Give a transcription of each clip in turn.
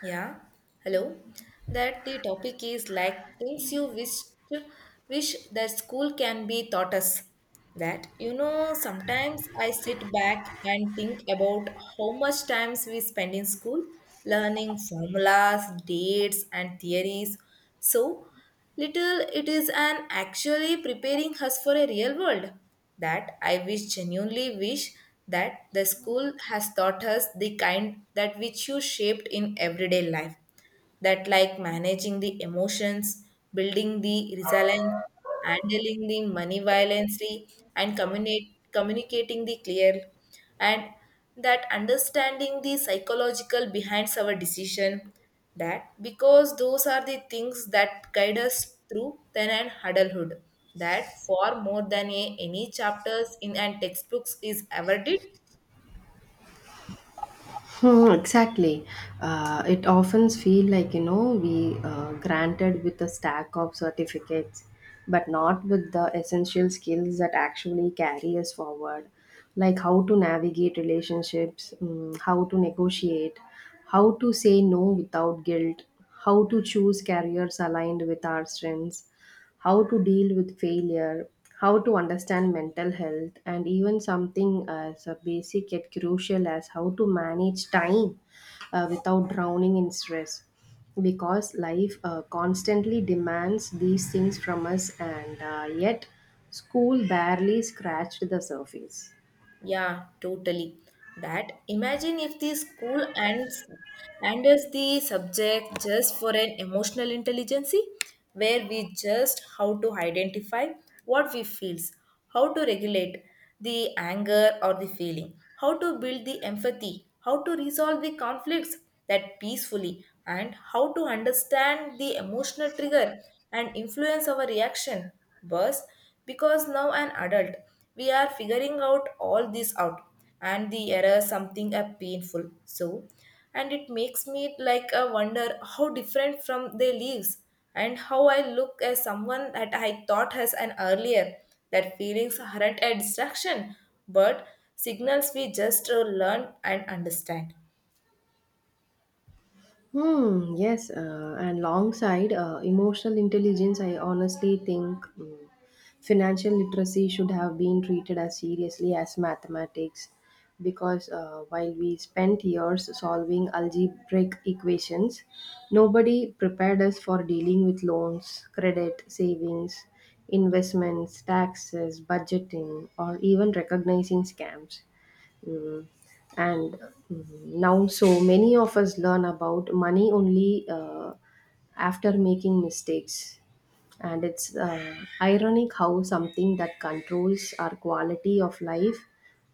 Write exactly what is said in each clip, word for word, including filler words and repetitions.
Yeah, hello. That the topic is like things you wish wish that school can be taught us. That you know, sometimes I sit back and think about how much times we spend in school learning formulas, dates, and theories. So. Little it is an actually preparing us for a real world. That I wish genuinely wish that the school has taught us the kind that which you shaped in everyday life. That like managing the emotions, building the resilience, handling the money violently, and communicate, communicating the clear and that understanding the psychological behind our decision that because those are the things that guide us through then and adulthood that far more than a, any chapters in and textbooks is ever did. Hmm, exactly. Uh, it often feel like you know we uh, granted with a stack of certificates, but not with the essential skills that actually carry us forward, like how to navigate relationships, mm, how to negotiate, how to say no without guilt, how to choose careers aligned with our strengths, how to deal with failure, how to understand mental health, and even something as a basic yet crucial as how to manage time uh, without drowning in stress. Because life uh, constantly demands these things from us, and uh, yet school barely scratched the surface. Yeah, totally. That imagine if the school ends and as the subject just for an emotional intelligence where we just how to identify what we feels, how to regulate the anger or the feeling, how to build the empathy, how to resolve the conflicts that peacefully and how to understand the emotional trigger and influence our reaction. Boss, because now an adult we are figuring out all this out and the error something a painful so and it makes me like a wonder how different from their lives and how I look as someone that I thought as an earlier that feelings aren't a distraction but signals we just uh, learn and understand. Hmm, yes, uh, and alongside uh, emotional intelligence, I honestly think, mm, financial literacy should have been treated as seriously as mathematics because uh, while we spent years solving algebraic equations, nobody prepared us for dealing with loans, credit, savings, investments, taxes, budgeting, or even recognizing scams. Mm. And mm, now, so many of us learn about money only uh, after making mistakes. And it's uh, ironic how something that controls our quality of life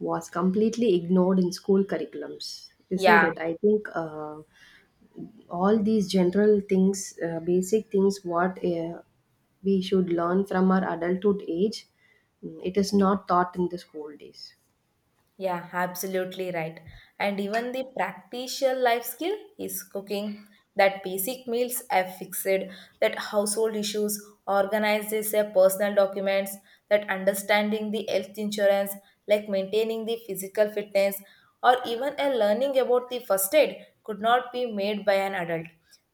was completely ignored in school curriculums, isn't Yeah it? I think uh, all these general things, uh, basic things, what uh, we should learn from our adulthood age, mm, it is not taught in the school days. Yeah, absolutely right. And even the practical life skill is cooking, that basic meals are fixed, that household issues organizes their personal documents, that understanding the health insurance, like maintaining the physical fitness, or even a learning about the first aid could not be made by an adult.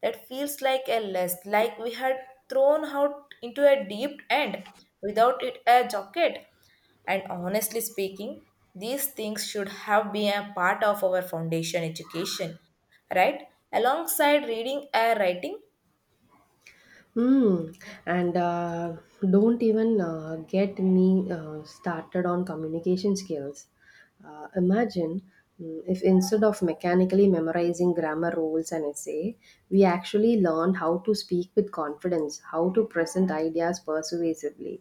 That feels like a list, like we had thrown out into a deep end without it a jacket. And honestly speaking, these things should have been a part of our foundation education, right? Alongside reading and writing. Hmm. And uh, don't even uh, get me uh, started on communication skills. Uh, imagine, mm, if instead of mechanically memorizing grammar rules and essay, we actually learned how to speak with confidence, how to present ideas persuasively,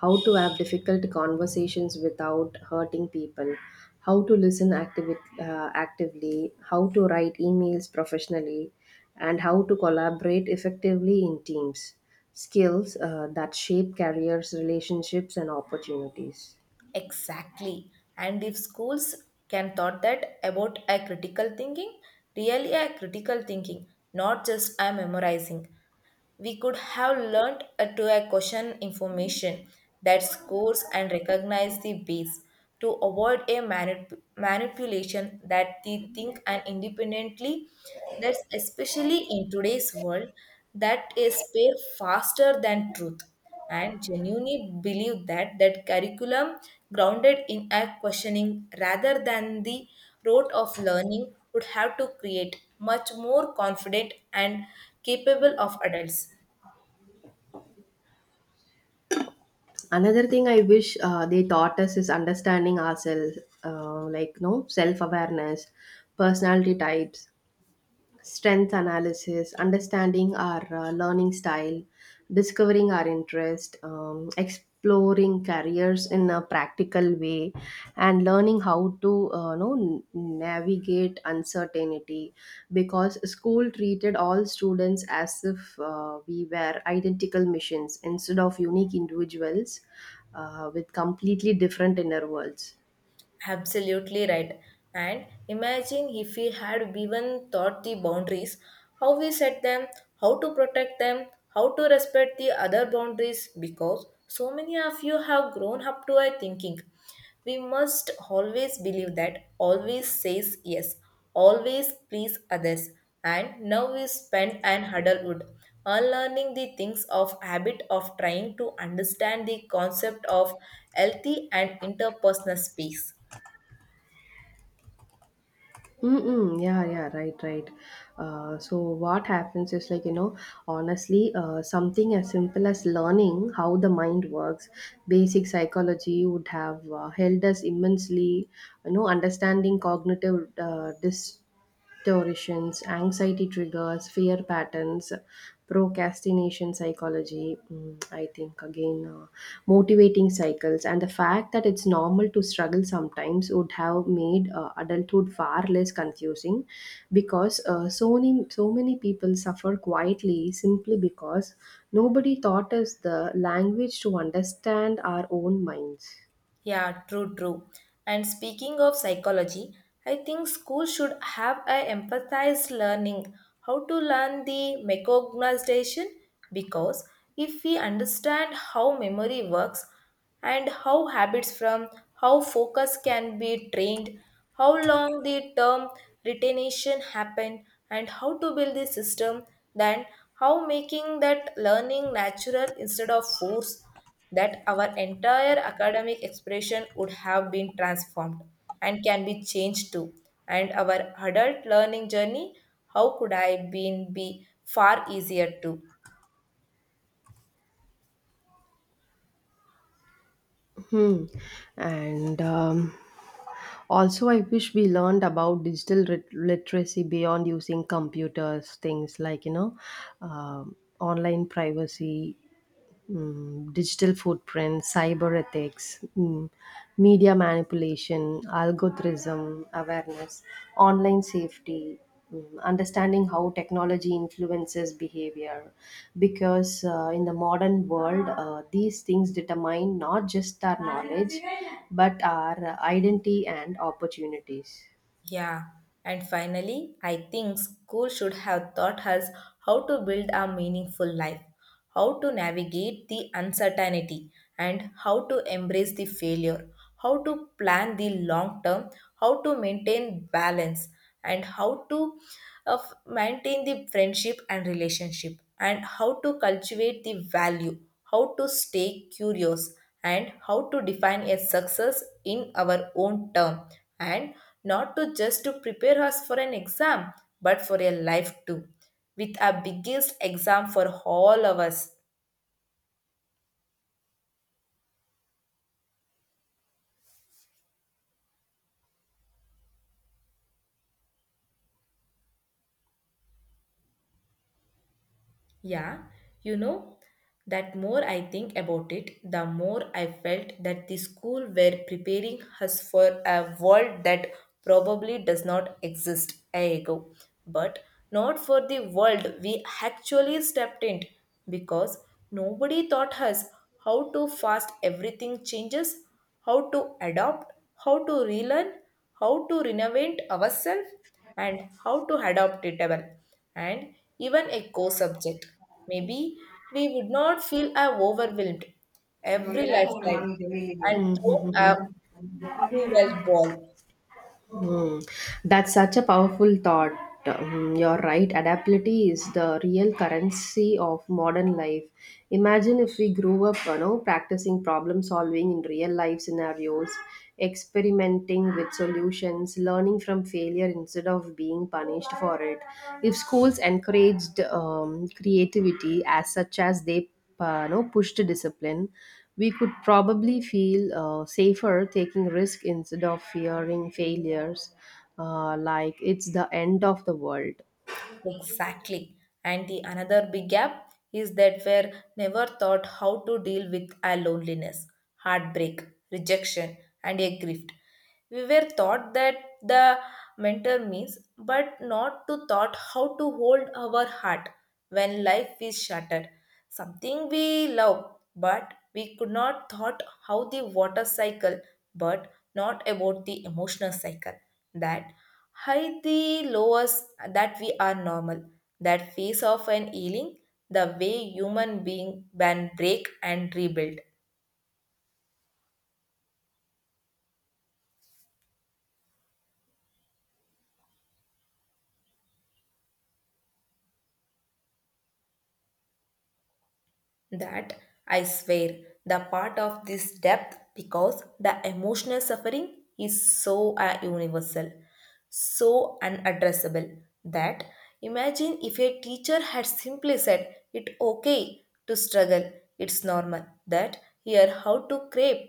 how to have difficult conversations without hurting people, how to listen activi- uh, actively, how to write emails professionally, and how to collaborate effectively in teams. Skills uh, that shape careers, relationships, and opportunities. Exactly. And if schools can thought that about a critical thinking, really a critical thinking, not just a memorizing, we could have learned uh, to a question information that scores and recognize the base to avoid a manip- manipulation that they think and independently, that's especially in today's world that is pair faster than truth and genuinely believe that that curriculum grounded in a questioning rather than the rote of learning would have to create much more confident and capable of adults. Another thing I wish uh, they taught us is understanding ourselves, uh, like no self awareness, personality types, strength analysis, understanding our uh, learning style, discovering our interest, um, exploring careers in a practical way, and learning how to uh, know, navigate uncertainty. Because school treated all students as if uh, we were identical machines instead of unique individuals uh, with completely different inner worlds. Absolutely right. And imagine if we had even thought the boundaries, how we set them, how to protect them, how to respect the other boundaries, because so many of you have grown up to a thinking. We must always believe that, always says yes, always please others. And now we spend an adulthood unlearning the things of habit of trying to understand the concept of healthy and interpersonal space. Mm-mm, yeah, yeah, right, right. Uh, so what happens is like, you know, honestly, uh, something as simple as learning how the mind works, basic psychology would have uh, helped us immensely, you know, understanding cognitive uh, dis distortions, anxiety triggers, fear patterns, procrastination psychology, mm, I think again, uh, motivating cycles, and the fact that it's normal to struggle sometimes would have made uh, adulthood far less confusing because uh, so, many, so many people suffer quietly simply because nobody taught us the language to understand our own minds. Yeah, true, true. And speaking of psychology, I think schools should have a empathized learning, how to learn the mecognization, because if we understand how memory works and how habits from how focus can be trained, how long the term retention happen, and how to build the system, then how making that learning natural instead of force that our entire academic expression would have been transformed and can be changed too and our adult learning journey how could I been be far easier too. Hmm. And um, also, I wish we learned about digital rit- literacy beyond using computers, things like, you know, um online privacy, mm, digital footprint, cyber ethics, mm, media manipulation, algorithm awareness, online safety, mm, understanding how technology influences behavior. Because uh, in the modern world, uh, these things determine not just our knowledge, but our identity and opportunities. Yeah, and finally I think school should have taught us how to build a meaningful life, how to navigate the uncertainty and how to embrace the failure, how to plan the long term, how to maintain balance, and how to uh, f- maintain the friendship and relationship, and how to cultivate the value, how to stay curious, and how to define a success in our own term, and not to just to prepare us for an exam, but for a life too with our biggest exam for all of us. Yeah, you know, that more I think about it, the more I felt that the school were preparing us for a world that probably does not exist a ago, but not for the world we actually stepped in because nobody taught us how to fast everything changes, how to adopt, how to relearn, how to renovate ourselves, and how to adapt it and even a co subject. Maybe we would not feel uh, overwhelmed every lifetime and throw Mhm. a cruel ball. Hmm, that's such a powerful thought. Hmm, you're right. Adaptability is the real currency of modern life. Imagine if we grew up, you know, practicing problem solving in real life scenarios, experimenting with solutions, learning from failure instead of being punished for it. If schools encouraged um, creativity as such as they uh, no pushed discipline, we could probably feel uh, safer taking risk instead of fearing failures, uh, like it's the end of the world. Exactly. And the another big gap is that we're never taught how to deal with our loneliness, heartbreak, rejection, and a grief. We were taught that the mentor means, but not to taught how to hold our heart when life is shattered. Something we love, but we could not thought how the water cycle, but not about the emotional cycle. That high the lowest that we are normal. That phase of an healing, the way human being can break and rebuild. That, I swear, the part of this depth because the emotional suffering is so uh, universal, so unaddressable that imagine if a teacher had simply said it's okay to struggle, it's normal, that here how to crave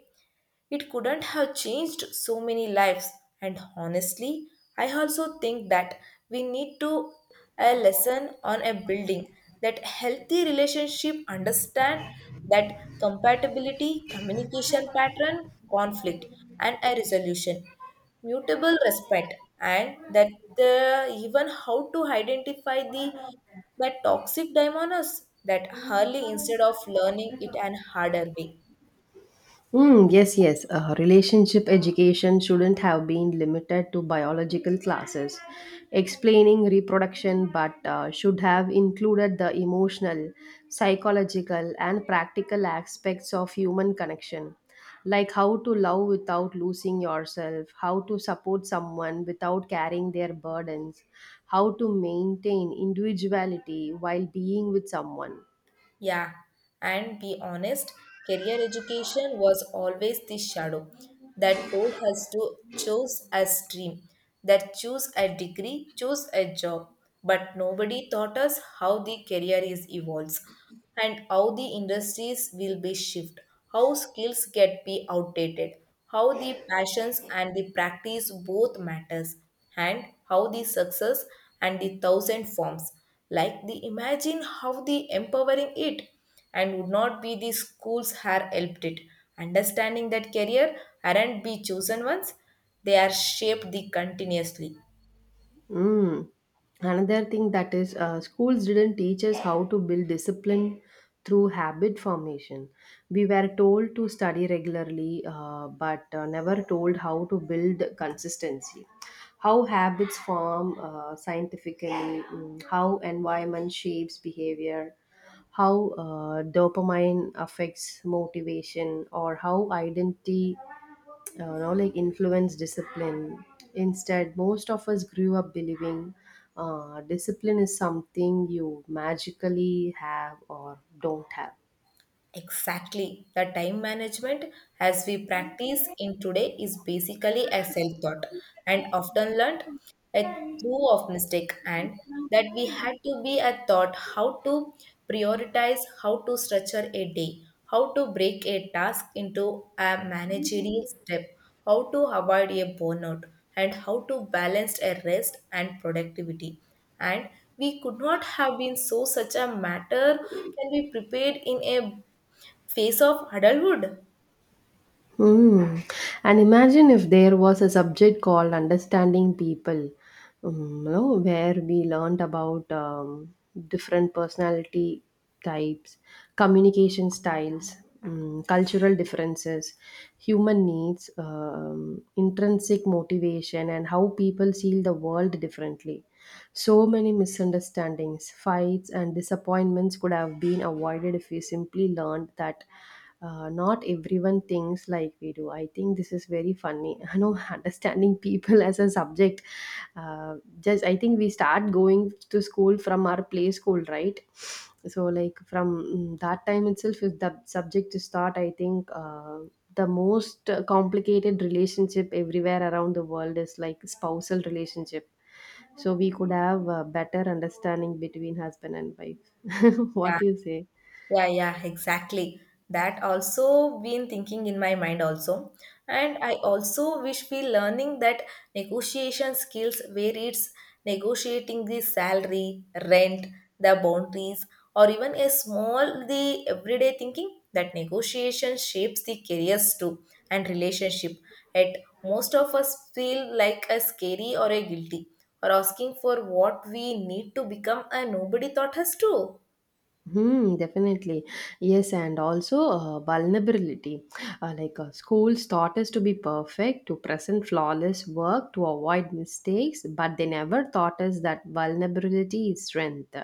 it couldn't have changed so many lives and honestly I also think that we need to a lesson on a building that healthy relationship understand that compatibility communication pattern conflict and a resolution mutable respect and that uh, even how to identify the that toxic diamonds that early instead of learning it an harder way. Mm, yes, yes. Uh, relationship education shouldn't have been limited to biological classes, explaining reproduction, but uh, should have included the emotional, psychological, and practical aspects of human connection, like how to love without losing yourself, how to support someone without carrying their burdens, how to maintain individuality while being with someone. Yeah, and be honest, career education was always the shadow that told us to choose a stream, that choose a degree, choose a job. But nobody taught us how the career is evolves and how the industries will be shift, how skills get be outdated, how the passions and the practice both matters, and how the success and the thousand forms. Like the imagine how the empowering it and would not be the schools had helped it. Understanding that career aren't be chosen ones, they are shaped the continuously. Mm. Another thing that is, uh, schools didn't teach us how to build discipline through habit formation. We were told to study regularly, uh, but uh, never told how to build consistency. How habits form uh, scientifically, mm, how environment shapes behavior, how uh, dopamine affects motivation, or how identity uh, know, like influence discipline. Instead, most of us grew up believing uh, discipline is something you magically have or don't have. Exactly. The time management as we practice in today is basically a self-taught and often learned a through of mistake and that we had to be a thought how to prioritize, how to structure a day, how to break a task into a managerial step, how to avoid a burnout, and how to balance a rest and productivity. And we could not have been so such a matter can be prepared in a face of adulthood? Hmm. And imagine if there was a subject called understanding people, um, you know, where we learned about um, different personality types, communication styles, um, cultural differences, human needs, um, intrinsic motivation, and how people see the world differently. So many misunderstandings, fights, and disappointments could have been avoided if we simply learned that uh, not everyone thinks like we do. I think this is very funny. I know, understanding people as a subject. Uh, just I think we start going to school from our play school, right? So like from, mm, that time itself, if the subject is taught, I think uh, the most uh, complicated relationship everywhere around the world is like spousal relationship, so we could have a better understanding between husband and wife. What Yeah. do you say? Yeah, yeah, exactly. That also been thinking in my mind also. And I also wish we learning that negotiation skills where it's negotiating the salary, rent, the boundaries, or even a small the everyday thinking that negotiation shapes the careers too and relationship. At most of us feel like a scary or a guilty or asking for what we need to become a nobody taught us to. Hmm, definitely. Yes, and also uh, vulnerability. Uh, like uh, schools taught us to be perfect, to present flawless work, to avoid mistakes, but they never taught us that vulnerability is strength,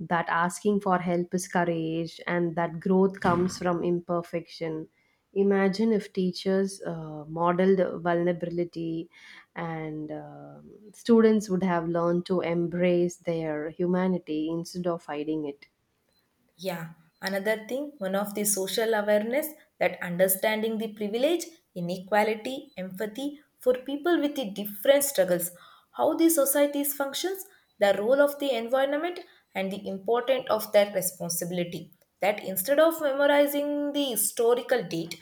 that asking for help is courage, and that growth comes from imperfection. Imagine if teachers uh, modeled vulnerability, and um students would have learned to embrace their humanity instead of hiding it. Yeah, another thing, one of the social awareness that understanding the privilege, inequality, empathy for people with the different struggles, how the societies functions, the role of the environment and the importance of their responsibility. That instead of memorizing the historical date,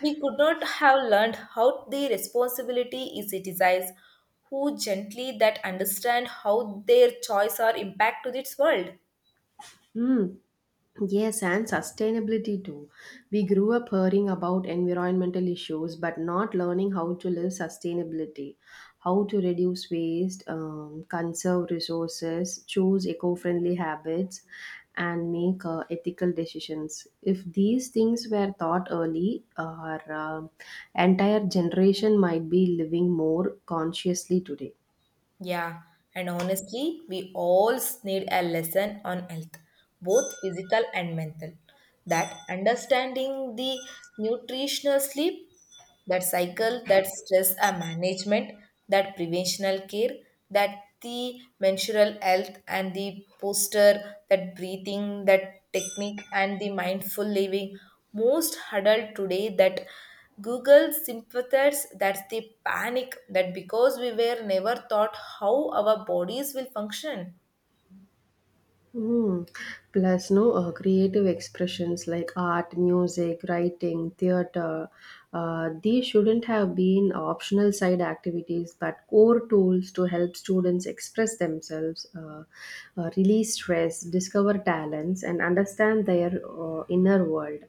we could not have learned how the responsibility is citizens who gently that understand how their choice are impact to this world. Mm, yes, and sustainability too. We grew up hearing about environmental issues but not learning how to live sustainability, how to reduce waste, um, conserve resources, choose eco friendly habits, and make uh, ethical decisions. If these things were taught early, our uh, entire generation might be living more consciously today. Yeah, and honestly, we all need a lesson on health, both physical and mental. That understanding the nutritional sleep that cycle, that stress and management, that preventional care, that the menstrual health and the posture, that breathing, that technique and the mindful living. Most huddled today that Google sympathizes that's the panic that because we were never taught how our bodies will function. Mm. Plus, no uh, creative expressions like art, music, writing, theater. Uh, these shouldn't have been optional side activities, but core tools to help students express themselves, uh, uh, release stress, discover talents, and understand their uh, inner world.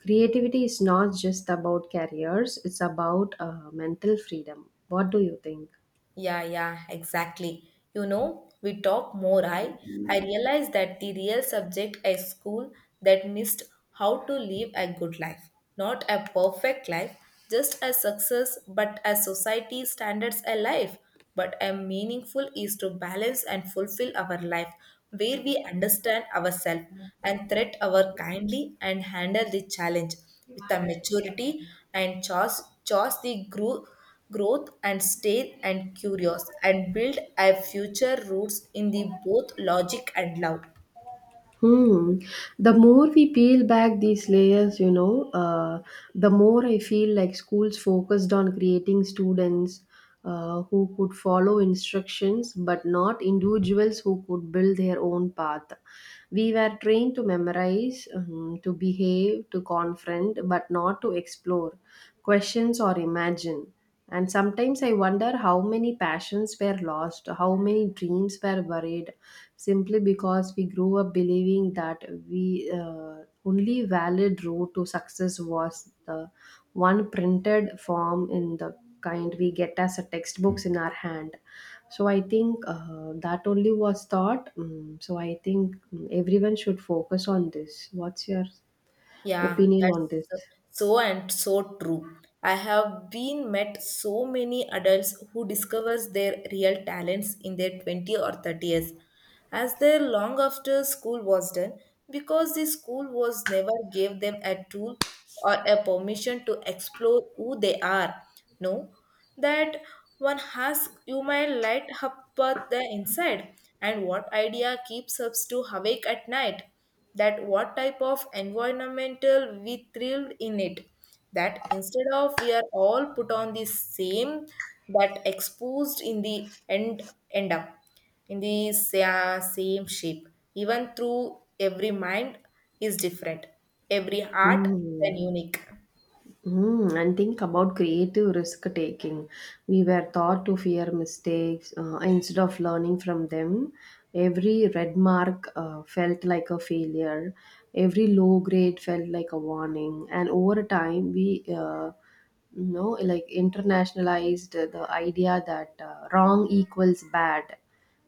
Creativity is not just about careers; it's about uh, mental freedom. What do you think? Yeah, yeah, exactly. You know, we talk more. I I realize that the real subject is school that missed how to live a good life, not a perfect life, just a success, but a society standards a life. But a meaningful is to balance and fulfill our life where we understand ourselves and treat our kindly and handle the challenge with a maturity and choose choose the growth growth and stay and curious and build our future roots in the both logic and love. Hmm. The more we peel back these layers, you know, uh, the more I feel like schools focused on creating students uh, who could follow instructions, but not individuals who could build their own path. We were trained to memorize, um, to behave, to confront, but not to explore, questions, or imagine. And sometimes I wonder how many passions were lost, how many dreams were buried, simply because we grew up believing that we, uh, only valid road to success was the one printed form in the kind we get as a textbooks in our hand. So I think uh, that only was taught. Mm, so I think, mm, everyone should focus on this. What's your Yeah, opinion on this? that's so and so true. I have been met so many adults who discovers their real talents in their twenty or thirty years as their long after school was done because the school was never gave them a tool or a permission to explore who they are, no, that one has you might light up at the inside and what idea keeps us to awake at night, that what type of environmental we thrilled in it, that instead of we are all put on the same that exposed in the end end up in the sa- same shape, even through every mind is different, every art is an Mm. unique. Mm, and think about creative risk taking. We were taught to fear mistakes uh, instead of learning from them. Every red mark uh, felt like a failure, every low grade felt like a warning. And over time, we uh, no like internationalized the idea that uh, wrong equals bad,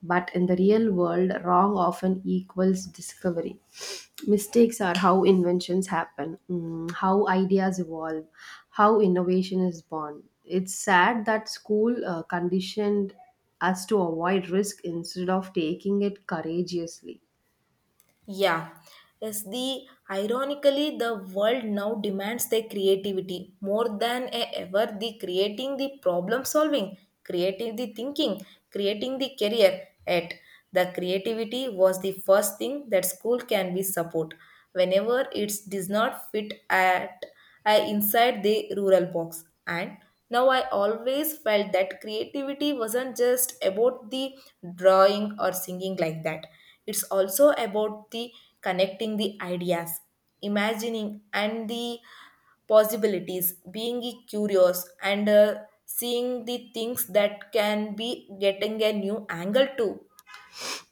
but in the real world wrong often equals discovery. Mistakes are how inventions happen, mm, how ideas evolve, how innovation is born. It's sad that school uh, conditioned us to avoid risk instead of taking it courageously. Yeah. Yes, the ironically the world now demands their creativity more than e- ever the creating the problem solving, creating the thinking, creating the career at the creativity was the first thing that school can be support whenever it does not fit at uh, inside the rural box and now I always felt that creativity wasn't just about the drawing or singing like that, it's also about the connecting the ideas, imagining and the possibilities, being curious and uh, seeing the things that can be getting a new angle too.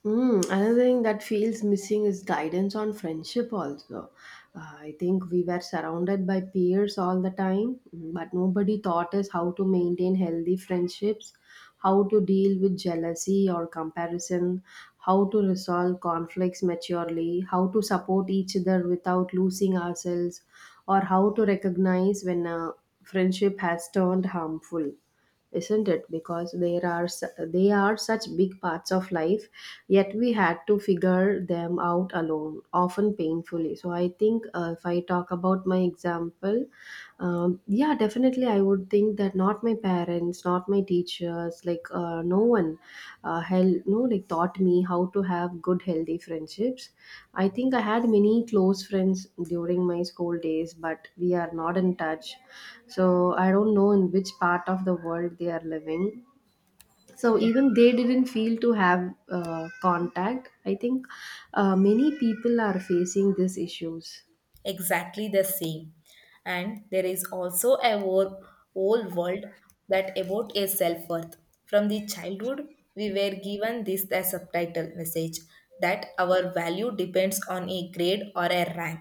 Mm, another thing that feels missing is guidance on friendship, also. Uh, I think we were surrounded by peers all the time, but nobody taught us how to maintain healthy friendships, how to deal with jealousy or comparison, how to resolve conflicts maturely, how to support each other without losing ourselves, or how to recognize when a friendship has turned harmful, isn't it? Because there are su- they are such big parts of life, yet we had to figure them out alone, often painfully. So I think uh, if I talk about my example, um, yeah, definitely I would think that not my parents, not my teachers, like uh, no one uh, hel- no like taught me how to have good healthy friendships. I think I had many close friends during my school days, but we are not in touch, so I don't know in which part of the world they are living. So even they didn't feel to have uh, contact. I think uh, many people are facing these issues. Exactly the same. And there is also a whole, whole world that about a self worth. From the childhood, we were given this the subtitle message that our value depends on a grade or a rank.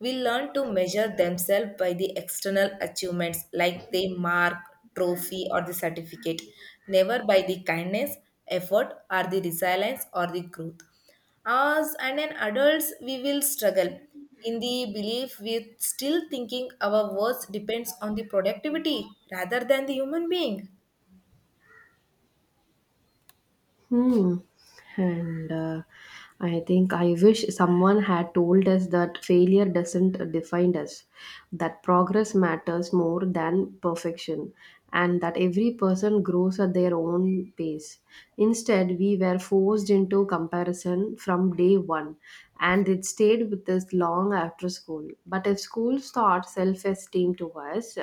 We learn to measure themselves by the external achievements like the mark, trophy, or the certificate, never by the kindness, effort, or the resilience or the growth. As and an adults, we will struggle in the belief we still thinking our worth depends on the productivity rather than the human being. Hmm. And uh, I think I wish someone had told us that failure doesn't define us, that progress matters more than perfection, and that every person grows at their own pace. Instead, we were forced into to comparison from day one, and it stayed with us long after school. But if schools taught self esteem to us,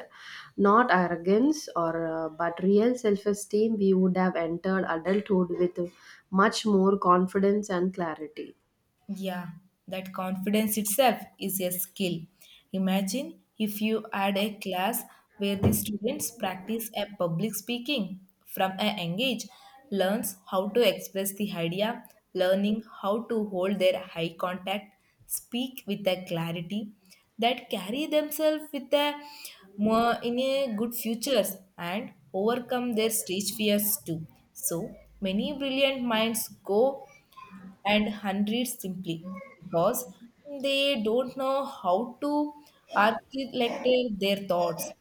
not arrogance or uh, but real self esteem, we would have entered adulthood with much more confidence and clarity. Yeah, that confidence itself is a skill. Imagine if you had a class where the students practice a public speaking from a young age, learns how to express the idea, learning how to hold their eye contact, speak with a clarity that carry themselves with a more in a good futures and overcome their stage fears too. So many brilliant minds go and hundreds simply because they don't know how to articulate their thoughts.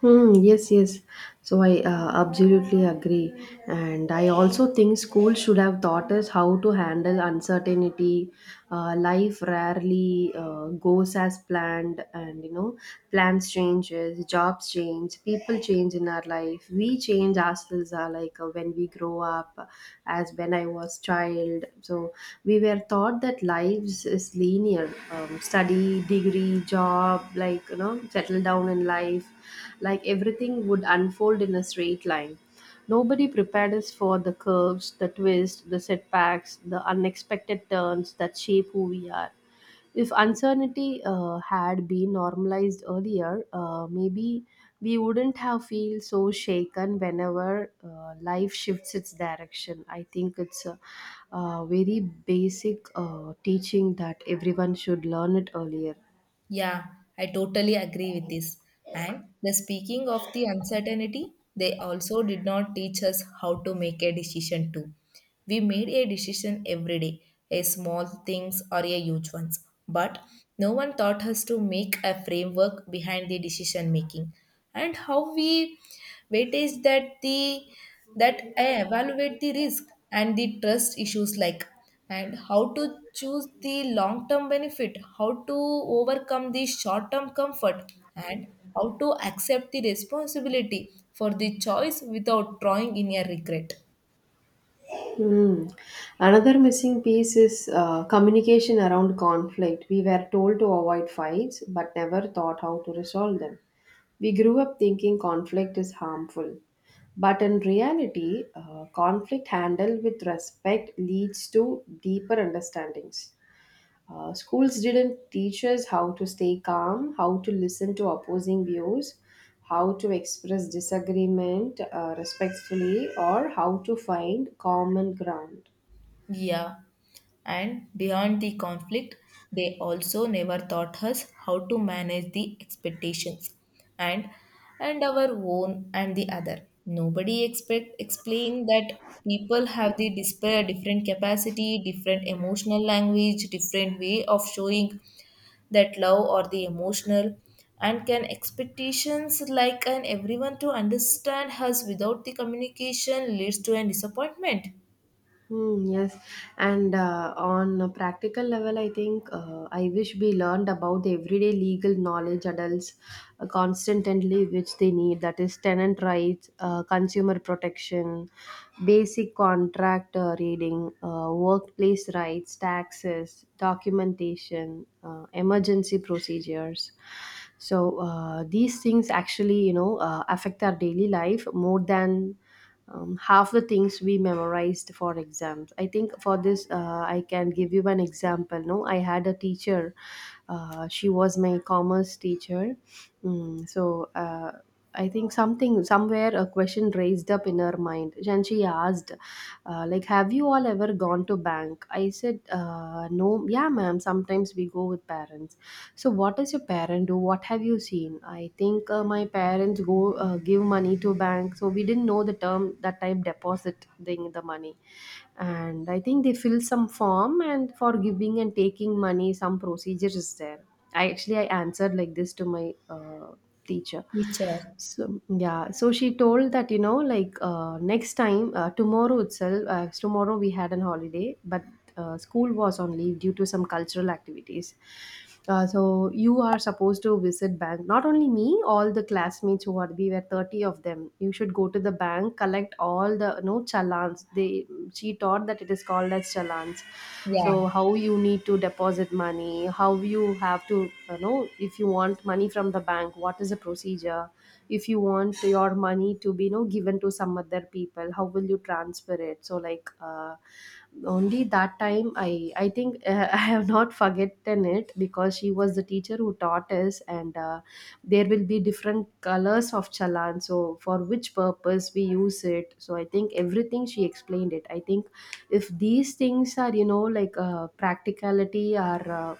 Hmm, yes, yes. So I uh, absolutely agree. And I also think school should have taught us how to handle uncertainty. Uh, life rarely uh, goes as planned, and you know, plans changes, jobs change, people change in our life. We change ourselves uh, like uh, when we grow up, as when I was child. So we were taught that lives is linear. Um, study, degree, job, like you know, settle down in life like everything would unfold in a straight line. Nobody prepared us for the curves, the twists, the setbacks, the unexpected turns that shape who we are. If uncertainty uh, had been normalized earlier, uh, maybe we wouldn't have feel so shaken whenever uh, life shifts its direction. I think it's a, a very basic uh, teaching that everyone should learn it earlier. Yeah, I totally agree with this. And the speaking of the uncertainty, they also did not teach us how to make a decision too. We made a decision every day, a small things or a huge ones. But no one taught us to make a framework behind the decision making and how we weightage that the that I evaluate the risk and the trust issues like and how to choose the long term benefit, how to overcome the short term comfort, and how to accept the responsibility for the choice without drawing in a regret. Mm. Another missing piece is uh, communication around conflict. We were told to avoid fights, but never thought how to resolve them. We grew up thinking conflict is harmful. But in reality, uh, conflict handled with respect leads to deeper understandings. Uh, schools didn't teach us how to stay calm, how to listen to opposing views, how to express disagreement uh, respectfully, or how to find common ground. Yeah, and beyond the conflict, they also never taught us how to manage the expectations and and our own and the other. Nobody expect explain that people have the display different capacity, different emotional language, different way of showing that love or the emotional and can expectations like an everyone to understand us without the communication leads to an disappointment. Hmm, yes, and uh, on a practical level, I think uh, I wish we learned about the everyday legal knowledge adults uh, constantly which they need, that is, tenant rights, uh, consumer protection, basic contract uh, reading, uh, workplace rights, taxes, documentation, uh, emergency procedures. So, uh, these things actually, you know, uh, affect our daily life more than um, half the things we memorized for exams. I think for this uh, I can give you an example. No, I had a teacher, uh, she was my commerce teacher. Mm, so uh, I think something somewhere a question raised up in her mind, and she asked uh, like, have you all ever gone to bank? I said, uh, no, yeah ma'am, sometimes we go with parents. So, what does your parent do? What have you seen? I think uh, my parents go uh, give money to bank, so we didn't know the term that time, deposit thing the money, and I think they fill some form, and for giving and taking money, some procedure is there. I actually I answered like this to my uh, teacher. Which So yeah, so she told that, you know, like uh, next time, uh, tomorrow itself. Uh, tomorrow we had an holiday, but uh, school was on leave due to some cultural activities. Uh, so you are supposed to visit bank. Not only me, all the classmates who are, we were thirty of them. You should go to the bank, collect all the no challans. They she taught that it is called as challans. So yeah. how you need to deposit money, how you have to, you know, if you want money from the bank, what is the procedure? If you want your money to be, you know, given to some other people, how will you transfer it? So like uh, only that time i i think uh, I have not forgotten it because she was the teacher who taught us. And uh, there will be different colors of chalan, so for which purpose we use it. So I think everything she explained it. I think if these things are, you know, like uh, practicality are uh,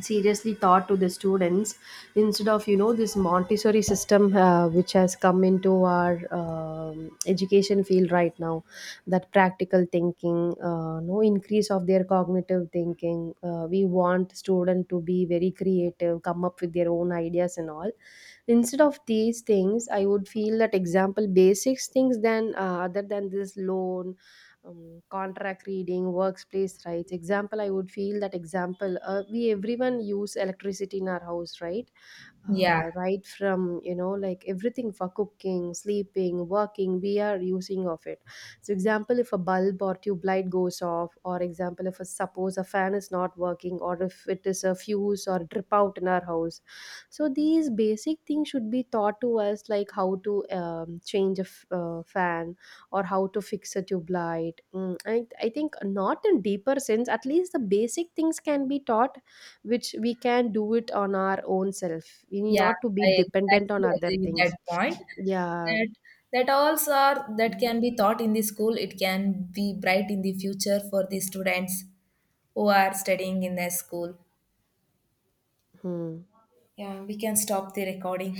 seriously taught to the students, instead of, you know, this montessori system uh, which has come into our um, education field right now, that practical thinking uh, no increase of their cognitive thinking. Uh, we want student to be very creative, come up with their own ideas and all, instead of these things. I would feel that example basics things, then uh, other than this loan, um, contract reading, workplace rights. Example, I would feel that example, uh, we everyone use electricity in our house, right? Yeah, uh, Right from, you know, like everything for cooking, sleeping, working, we are using of it. So example, if a bulb or tube light goes off, or example if a, suppose a fan is not working, or if it is a fuse or drip out in our house. So these basic things should be taught to us, like how to um, change a f- uh, fan, or how to fix a tube light. Mm, I, I think not in deeper sense, at least the basic things can be taught, which we can do it on our own self. We need yeah, not to be I dependent on exactly other agree with things. that point. Yeah. That that alls are that can be taught in the school. It can be bright in the future for the students who are studying in their school. Hmm. Yeah, we can stop the recording.